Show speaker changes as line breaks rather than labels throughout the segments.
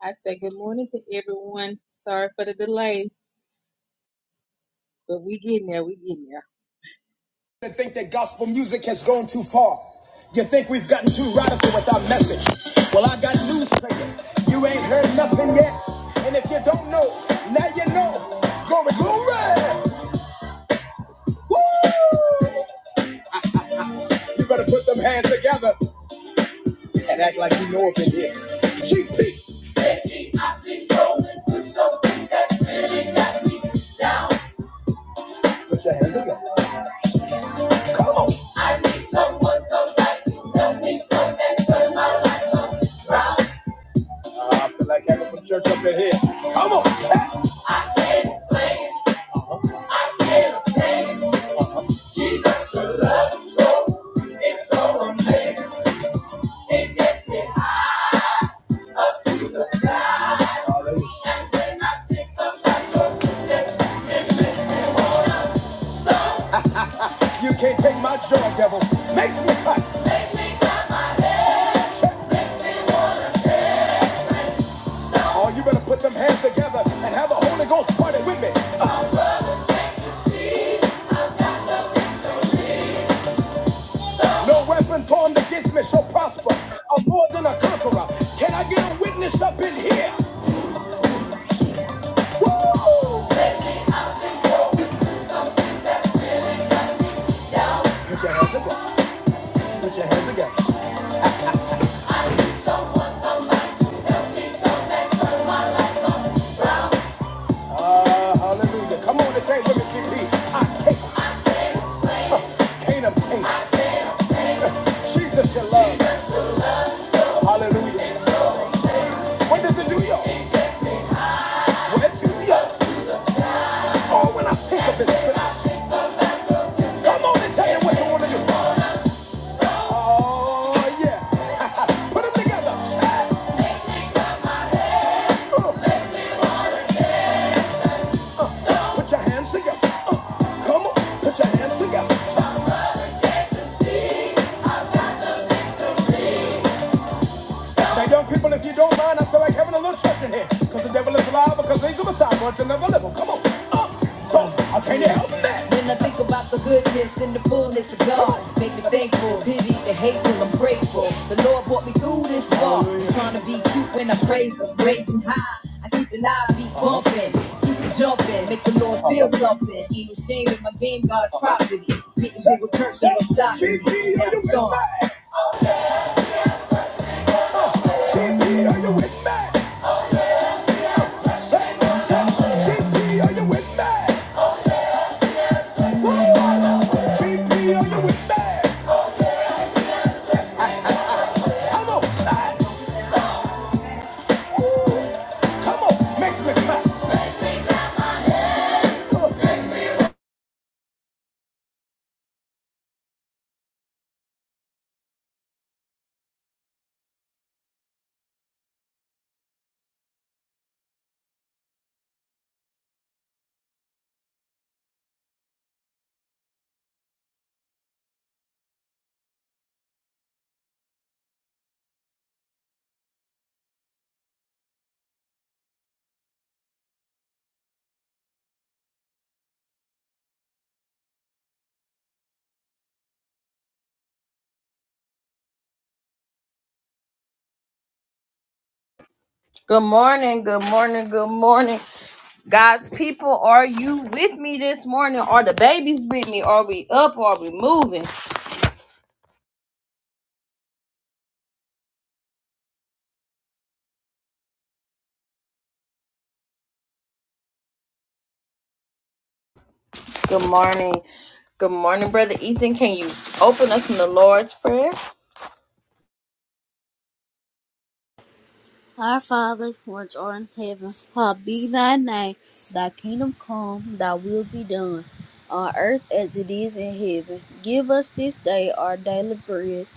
I said good morning to everyone. Sorry for the delay, but we getting there. We getting there.
and think that gospel music has gone too far. You think we've gotten too radical with our message. Well, I got news for you. You ain't heard nothing yet. And if you don't know, now you know. Glory, glory! You better put them hands together and act like you know up in here. GP! I've been going through something that's really got me down. Put your hands together. Come on. I need someone, somebody to help me come and turn my life around. I feel like having some church up in here. Come on, check. I can't explain it. I can't obtain it. Jesus, your love is so, it's so amazing. It gets me high up to the sky. And when I think about your goodness, it makes me wanna stomp. You can't take my joy, devil. Makes me cut. Makes me cut my head. Makes me Oh, you better put them hands together and have the Holy Ghost party with me. Uh, no weapon formed against me shall prosper. I'm more than a conqueror. Can I get a witness up in here? Woo! Put your hands together. Put your hands together. Uh, hallelujah. Come on, this ain't women GP. I can't obtain it. Jesus, your love. Hallelujah. What does it do, y'all? What do y'all? Oh, when I think of his goodness. Come on and tell me what you want to do. Oh, yeah. Put them together. Shout. Put your hands together. Uh, come on, put your hands together. Now, young people, if you don't mind, I feel like having a little church in here. Because the devil is alive, because he's a messiah, but you'll never live. Come on, up, so I can't help that. When I think about the goodness and the fullness of God, make me thankful, pity the hateful, I'm grateful. The Lord brought me through this far. I'm Trying to be cute when I praise him, raising high. I keep an eye, be bumping, keep it jumping, make the Lord feel something. Even shame in my game, God's property. Getting big with church, they don't stop. me. GP, are you with me? GP, are you with me? Good morning, good morning, good morning. God's people, are you with me this morning? Are the babies with me? Are we up? Are we moving? Good morning. Good morning, Brother Ethan. Can you open us in the Lord's Prayer?
Our Father, which art in heaven, hallowed be thy name. Thy kingdom come, thy will be done, on earth as it is in heaven. Give us this day our daily bread,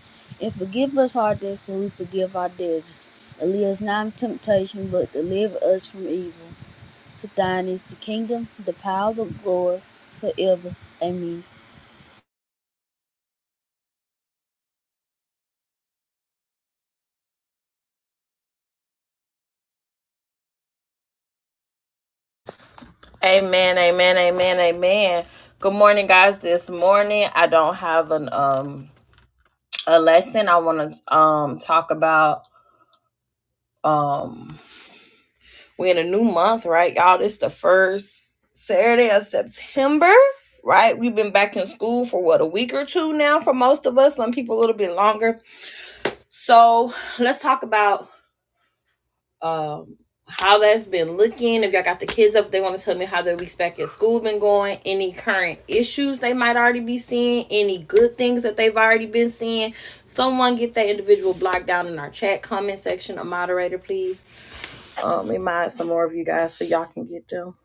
and forgive us our debts as we forgive our debtors. And lead us not into temptation, but deliver us from evil. For thine is the kingdom, the power, the glory, forever. Amen.
Amen, amen, amen, amen. Good morning, guys. This morning, I don't have an um a lesson I want to um talk about. Um, we're in a new month, right, y'all? This the first Saturday of September, right? We've been back in school for what a week or two now for most of us. Some people a little bit longer. So let's talk about um how that's been looking. If y'all got the kids up, they want to tell me how their weeks back at school been going, any current issues they might already be seeing, any good things that they've already been seeing. Someone get that individual blocked down in our chat comment section, a moderator, please. Um, we might some more of you guys so y'all can get them.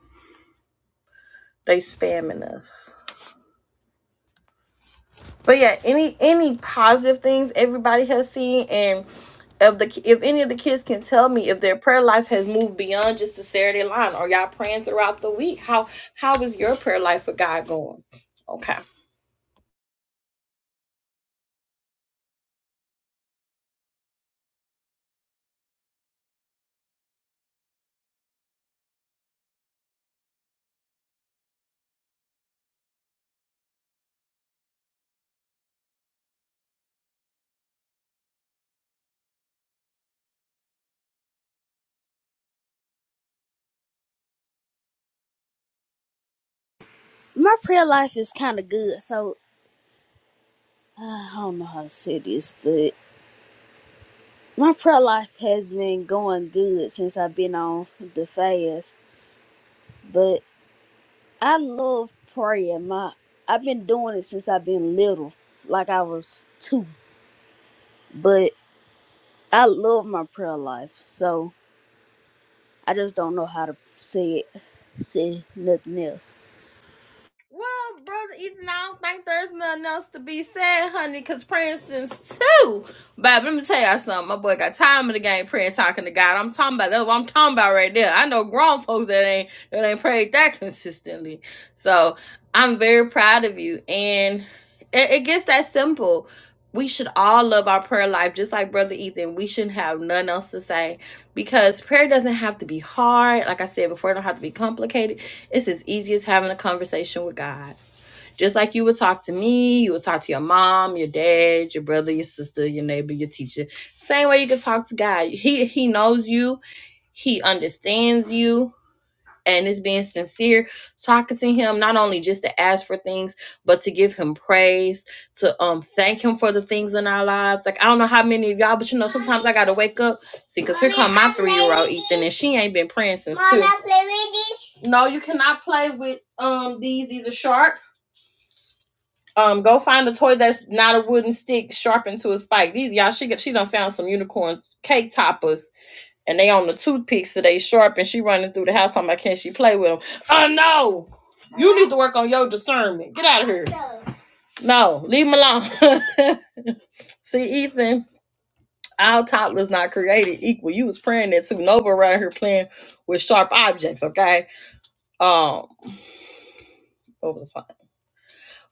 They spamming us. But yeah, any any positive things everybody has seen, and if the if any of the kids can tell me if their prayer life has moved beyond just the Saturday line, or y'all praying throughout the week? How how is your prayer life for God going? Okay.
My prayer life is kind of good, so I don't know how to say this, but My prayer life has been going good since I've been on the fast, but I love prayer. My I've been doing it since I've been little, like I was two. But I love my prayer life, so I just don't know how to say it, say nothing else.
Well, brother, even I don't think there's nothing else to be said, honey, because praying since two. But let me tell y'all something. My boy got time in the game praying, talking to God. I'm talking about that's what I'm talking about right there. I know grown folks that ain't that ain't prayed that consistently. So I'm very proud of you. And it, it gets that simple. We should all love our prayer life, just like Brother Ethan. We shouldn't have nothing else to say because prayer doesn't have to be hard. Like I said before, it don't have to be complicated it's as easy as having a conversation with God. Just like you would talk to me, you would talk to your mom, your dad, your brother, your sister, your neighbor, your teacher. Same way you can talk to God. He he knows you, he understands you, and it's being sincere talking to him not only just to ask for things, but to give him praise, to um thank him for the things in our lives. Like I don't know how many of y'all, but you know sometimes I gotta wake up see. 'cause and she ain't been praying since. No, you cannot play with um these. These are sharp. Um, go find a toy that's not a wooden stick sharpened to a spike. These y'all, she got she done found some unicorn cake toppers, and they on the toothpicks so they sharp. And she running through the house talking about can she play with them? Oh no, you need to work on your discernment. Get out. No, leave them alone. See, Ethan, our toddlers not created equal. You was praying that too. Nova around here playing with sharp objects. Okay. Um, what was I?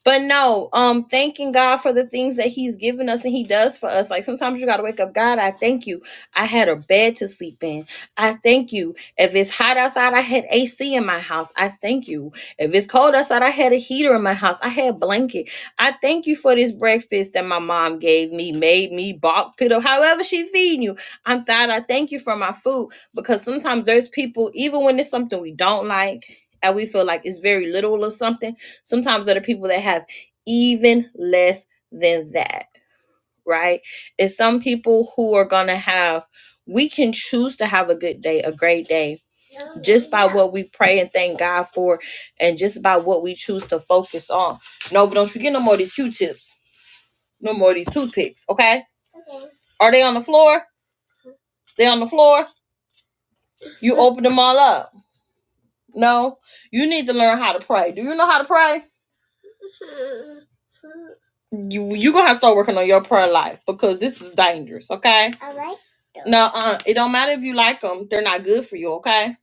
But no, um, thanking God for the things that He's given us and He does for us. Like sometimes you gotta wake up, God, I thank you. I had a bed to sleep in. I thank you. If it's hot outside, I had AC in my house. I thank you. If it's cold outside, I had a heater in my house. I had a blanket. I thank you for this breakfast that my mom gave me, made me, bought, put up, however she feeding you. I'm glad I thank you for my food because sometimes there's people, even when it's something we don't like and we feel like it's very little or something Sometimes there are people that have even less than that, right? It's some people who are going to have, we can choose to have a good day, a great day, what we pray and thank God for, and just about what we choose to focus on. No, but don't forget no more of these Q tips, no more of these toothpicks, okay? Are they on the floor? They on the floor? You open them all up. No, you need to learn how to pray. Do you know how to pray? You you gonna have to start working on your prayer life because this is dangerous. Okay, No, uh, it don't matter if you like them. They're not good for you, okay?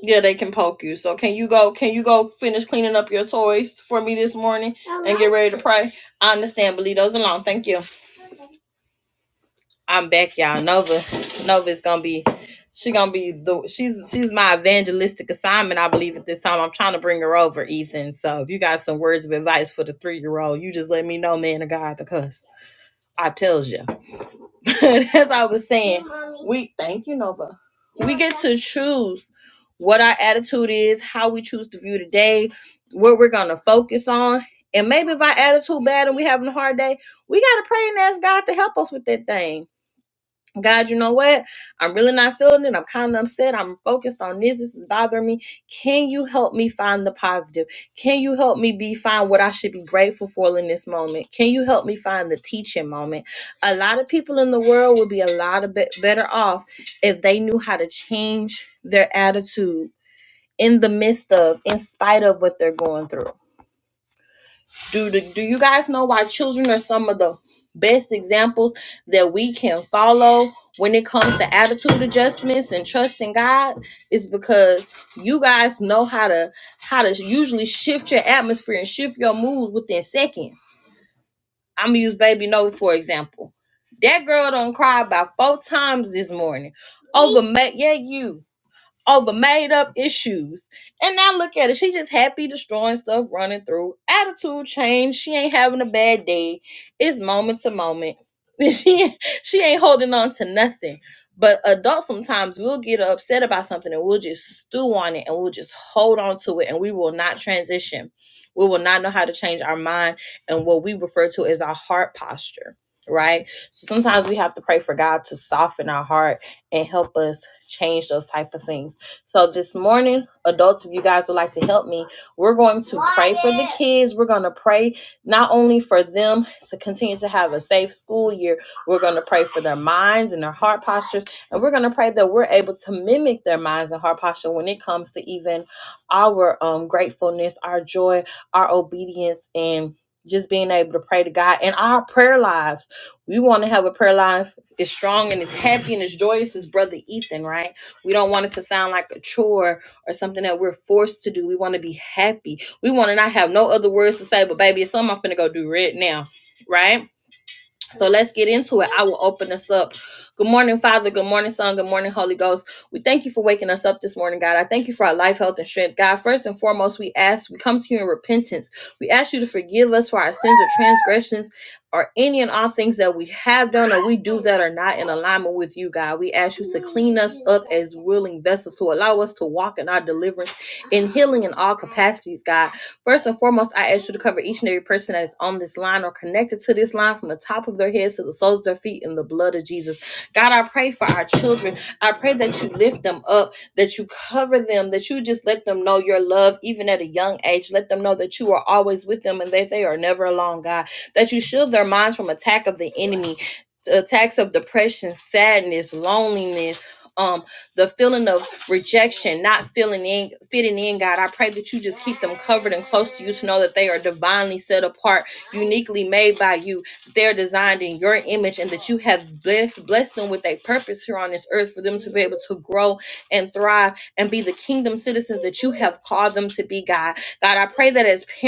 Yeah, they can poke you. So can you go? Can you go finish cleaning up your toys for me this morning? Ready to pray? I understand, but leave those alone. Thank you. I'm back, y'all. Nova, Nova's gonna be, she gonna be the, she's she's my evangelistic assignment. I believe at this time. I'm trying to bring her over, Ethan. So if you got some words of advice for the three year old, you just let me know, man of God, because I tells you. As I was saying, we thank you, Nova. to choose what our attitude is, how we choose to view the day, what we're gonna focus on. And maybe if our attitude bad and we're having a hard day, we gotta pray and ask God to help us with that thing. God, you know what? I'm really not feeling it. I'm kind of upset. I'm focused on this. This is bothering me. Can you help me find the positive? Can you help me be find what I should be grateful for in this moment? Can you help me find the teaching moment? A lot of people in the world would be a lot of be- better off if they knew how to change their attitude in the midst of, in spite of what they're going through. Do, do, do you guys know why children are some of the best examples that we can follow when it comes to attitude adjustments and trusting God? Is because you guys know how to how to usually shift your atmosphere and shift your mood within seconds. I'm gonna use baby no for example. That girl done cried about four times this morning. Oh, but ma- yeah, you over made up issues. And now look at it. She just happy destroying stuff, running through. Attitude change. She ain't having a bad day. It's moment to moment. She she ain't holding on to nothing. But adults sometimes will get upset about something and we'll just stew on it and we'll just hold on to it and we will not transition. We will not know how to change our mind and what we refer to as our heart posture, right? So sometimes we have to pray for God to soften our heart and help us change those type of things so this morning, adults, if you guys would like to help me, we're going kids. We're going to pray not only for them to continue to have a safe school year, we're going to pray for their minds and their heart postures. And we're going to pray that we're able to mimic their minds and heart posture when it comes to even our um, gratefulness, our joy, our obedience, and just being able to pray to God and our prayer lives. We want to have a prayer life as strong and as happy and as joyous as Brother Ethan, right? We don't want it to sound like a chore or something that we're forced to do. We want to be happy we want to not have no other words to say, but baby, it's something I'm finna go do right now. Right? So let's get into it. I will open us up. Good morning, Father. Good morning, Son. Good morning, Holy Ghost. We thank you for waking us up this morning, God. I thank you for our life, health, and strength. God, first and foremost, we ask, we come to you in repentance. We ask you to forgive us for our sins or transgressions or any and all things that we have done or we do that are not in alignment with you, God. We ask as willing vessels who allow us to walk in our deliverance and healing in all capacities, God. First and foremost, I ask you to cover each and every person that is on this line or connected to this line from the top of their heads to the soles of their feet in the blood of Jesus. God, I pray for our children. I pray that you lift them up, that you cover them, that you just let them know your love, even at a young age. Let them know that you are always with them and that they are never alone, God. That you shield their minds from attack of the enemy, attacks of depression, sadness, loneliness. Um, the feeling of rejection, not feeling in, fitting in, God. I pray that you just keep them covered and close to you to know that they are divinely set apart, uniquely made by you. They're designed in your image and that you have blessed, blessed them with a purpose here on this earth for them to be able to grow and thrive and be the kingdom citizens that you have called them to be, God. God, I pray that as parents,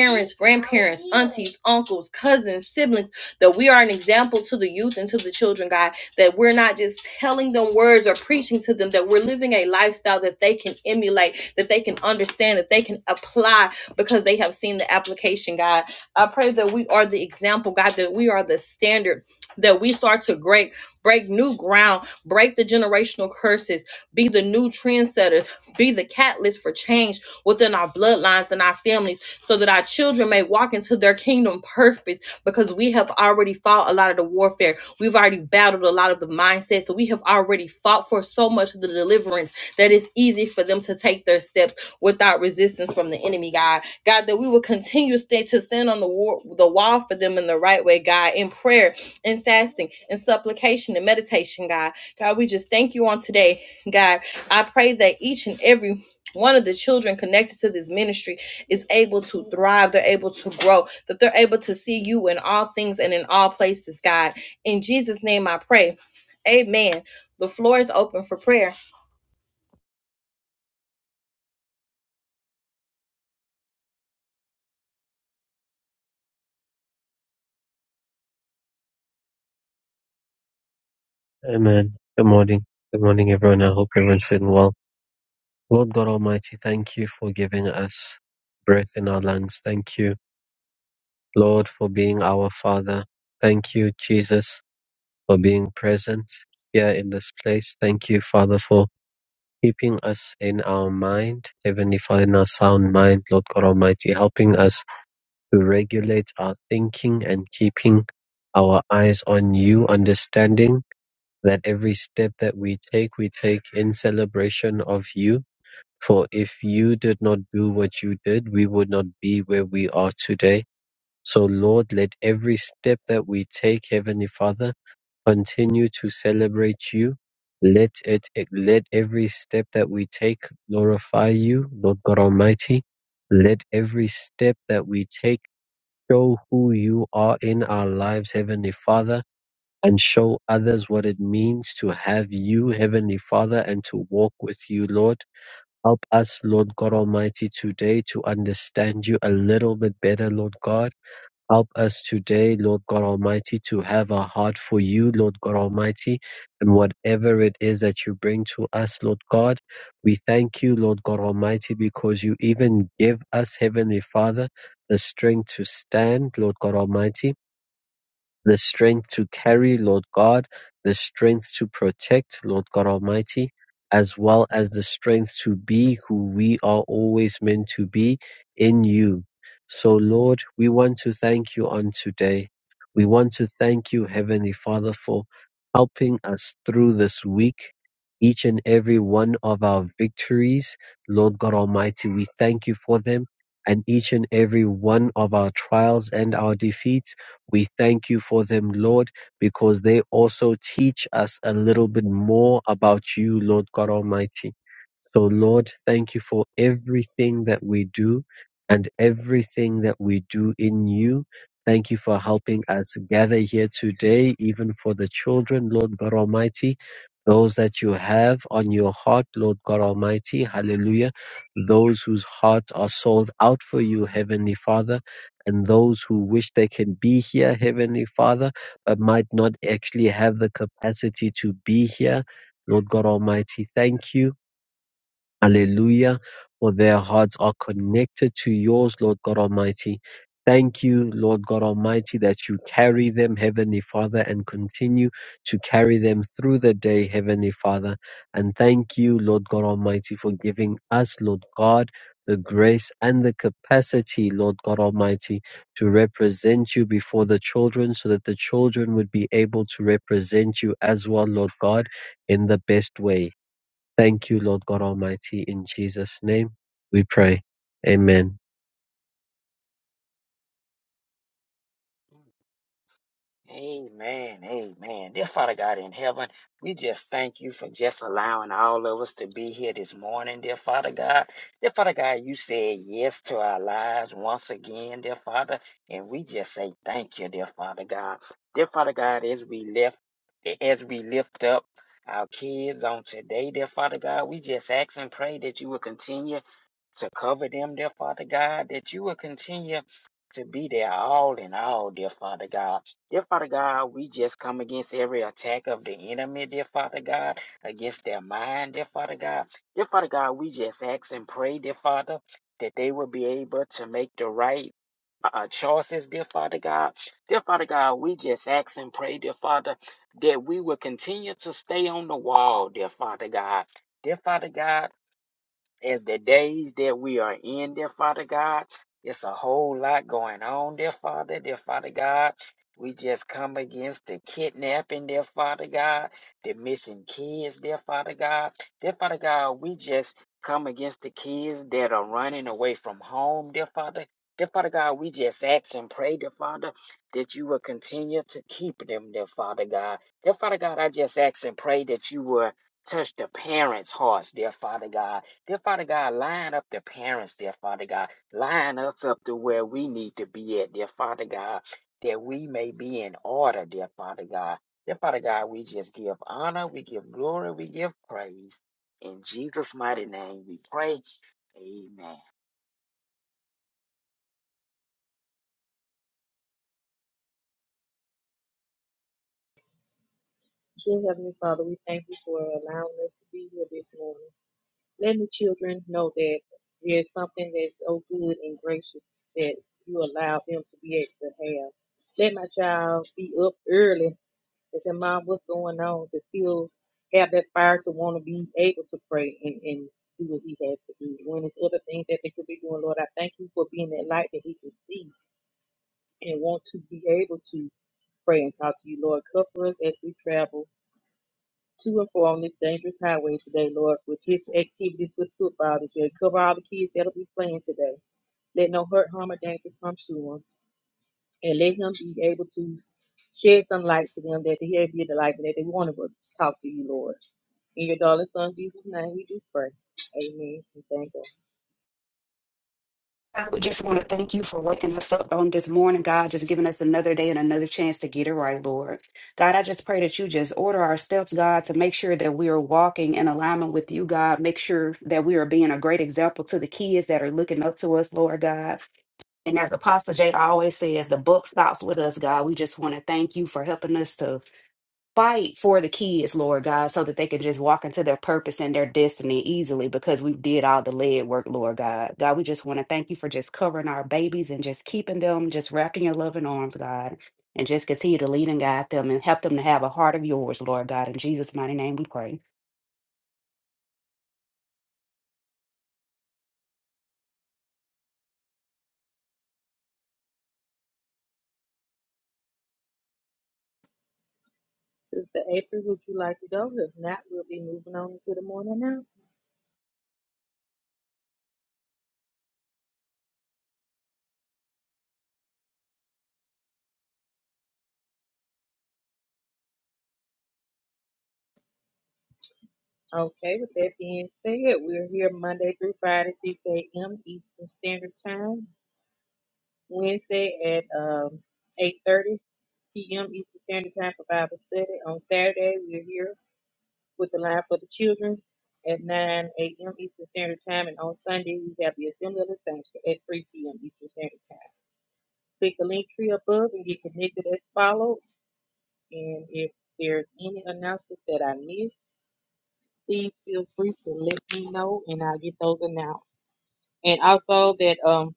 aunties, uncles, cousins, siblings, that we are an example to the youth and to the children, God, that we're not just telling them words or preaching to them, that we're living a lifestyle that they can emulate, that they can understand, that they can apply because they have seen the application, God. I pray that we are the example, God, that we are the standard, that we start to break, break new ground, break the generational curses, be the new trendsetters, be the catalyst for change within our bloodlines and our families so that our children may walk into their kingdom purpose because we have already fought a lot of the warfare. We've already battled a lot of the mindsets. So we have already fought for so much of the deliverance that it's easy for them to take their steps without resistance from the enemy, God. God, that we will continue to stand on the, war, the wall for them in the right way, God, in prayer, in fasting, in supplication, and meditation, God. God, we just thank you on today, God. I pray that each and every one of the children connected to this ministry is able to thrive, they're able to grow, that they're able to see you in all things and in all places, God. In Jesus' name I pray. Amen. The floor is open for prayer.
Amen. Good morning. Good morning, everyone. I hope everyone's doing well. Lord God Almighty, thank you for giving us breath in our lungs. Thank you, Lord, for being our Father. Thank you, Jesus, for being present here in this place. Thank you, Father, for keeping us in our mind, Heavenly Father, in our sound mind, Lord God Almighty, helping us to regulate our thinking and keeping our eyes on you, understanding. that every step that we take, we take in celebration of you. For if you did not do what you did, we would not be where we are today. So Lord, let every step that we take, Heavenly Father, continue to celebrate you. Let it, let every step that we take glorify you, Lord God Almighty. Let every step that we take show who you are in our lives, Heavenly Father and show others what it means to have you, Heavenly Father, and to walk with you, Lord. Help us, Lord God Almighty, today to understand you a little bit better, Lord God. Help us today, Lord God Almighty, to have a heart for you, Lord God Almighty, and whatever it is that you bring to us, Lord God. We thank you, Lord God Almighty, because you even give us, Heavenly Father, the strength to stand, Lord God Almighty the strength to carry, Lord God, the strength to protect, Lord God Almighty, as well as the strength to be who we are always meant to be in you. So, Lord, we want to thank you on today. We want to thank you, Heavenly Father, for helping us through this week. Each and every one of our victories, Lord God Almighty, we thank you for them and each and every one of our trials and our defeats. We thank you for them, Lord, because they also teach us a little bit more about you, Lord God Almighty. So, Lord, thank you for everything that we do and everything that we do in you. Thank you for helping us gather here today, even for the children, Lord God Almighty, those that you have on your heart, Lord God Almighty. Hallelujah. Those whose hearts are sold out for you, Heavenly Father and those who wish they can be here, Heavenly Father, but might not actually have the capacity to be here. Lord God Almighty, thank you Hallelujah. For their hearts are connected to yours, Lord God Almighty. Thank you, Lord God Almighty, that you carry them, Heavenly Father, and continue to carry them through the day, Heavenly Father. And thank you, Lord God Almighty, for giving us, Lord God, the grace and the capacity, Lord God Almighty, to represent you before the children so that the children would be able to represent you as well, Lord God, in the best way. Thank you, Lord God Almighty. In Jesus' name we pray. Amen.
Amen. Amen. Dear Father God in heaven, we just thank you for just allowing all of us to be here this morning, dear Father God. Dear Father God, you said yes to our lives once again, dear Father, and we just say thank you, dear Father God. Dear Father God, as we lift as we lift up our kids on today, dear Father God, we just ask and pray that you will continue to cover them, dear Father God, that you will continue to be their all in all, dear Father God. Dear Father God, we just come against every attack of the enemy, dear Father God, against their mind, dear Father God. Dear Father God, we just ask and pray, dear Father, that they will be able to make the right uh, choices, dear Father God. Dear Father God, we just ask and pray, dear Father, that we will continue to stay on the wall, dear Father God. Dear Father God, as the days that we are in, dear Father God. It's a whole lot going on, dear Father, dear Father God. We just come against the kidnapping, dear Father God, the missing kids, dear Father God. Dear Father God, we just come against the kids that are running away from home, dear Father. Dear Father God, we just ask and pray, dear Father, that you will continue to keep them, dear Father God. Dear Father God, I just ask and pray that you will touch the parents' hearts, dear Father God Dear Father God, line up the parents, dear Father God. Line us up to where we need to be at, dear Father God, that we may be in order, dear Father God. Dear Father God, we just give honor, we give glory, we give praise. In Jesus' mighty name we pray. Amen.
Dear Heavenly Father, we thank you for allowing us to be here this morning. Letting the children know that there's something that's so good and gracious that you allow them to be able to have. Let my child be up early and say, Mom, what's going on? To still have that fire to want to be able to pray and, and do what he has to do. When it's other things that they could be doing, Lord, I thank you for being that light that he can see and want to be able to pray and talk to you, Lord. Cover us as we travel to and fro on this dangerous highway today, Lord, with his activities with football this year. Cover all the kids that'll be playing today. Let no hurt, harm, or danger come to them, And let him be able to shed some light to them that they be the light that they want to talk to you, Lord. In your darling son Jesus' name we do pray. Amen. And thank God.
I would just want to thank you for waking us up on this morning, God, just giving us another day and another chance to get it right, Lord. God, I just pray that you just order our steps, God, to make sure that we are walking in alignment with you, God. Make sure that we are being a great example to the kids that are looking up to us, Lord God. And as Apostle Jay always says, the book stops with us, God. We just want to thank you for helping us to fight for the kids, Lord God, so that they can just walk into their purpose and their destiny easily because we did all the lead work, Lord God. God, we just want to thank you for just covering our babies and just keeping them, just wrapping your loving arms, God, and just continue to lead and guide them and help them to have a heart of yours, Lord God. In Jesus' mighty name we pray.
Sister April, would you like to go? If not, we'll be moving on to the morning announcements. Okay, with that being said, we're here Monday through Friday, 6 a.m. Eastern Standard Time. Wednesday at um, 8.30 p.m. Eastern Standard Time for Bible study. On Saturday, we're here with the line for the children's at 9 a.m. Eastern Standard Time. And on Sunday, we have the Assembly of the Saints at 3 p.m. Eastern Standard Time. Click the link tree above and get connected as followed. And if there's any announcements that I missed, please feel free to let me know and I'll get those announced. And also that um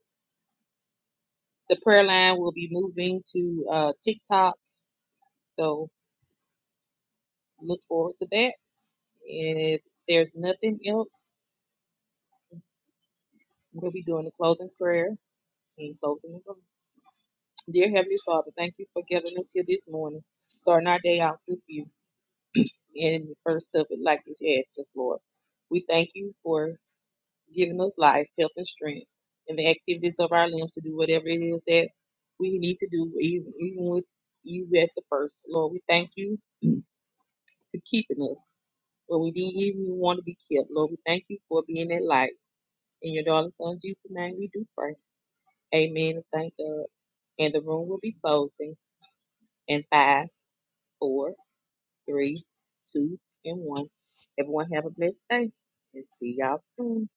the prayer line will be moving to uh TikTok. So look forward to that. And if there's nothing else, we'll be doing the closing prayer and closing the room. Dear Heavenly Father, thank you for giving us here this morning, starting our day out with you in the first of it like you asked us, Lord. We thank you for giving us life, health, and strength, and the activities of our limbs to do whatever it is that we need to do, even, even with you as the first. Lord, we thank you for keeping us when we didn't even want to be kept. Lord, we thank you for being that light. In your darling son Jesus' name, we do pray. Amen. and Thank God. And the room will be closing in five, four, three, two, and one. Everyone have a blessed day and see y'all soon.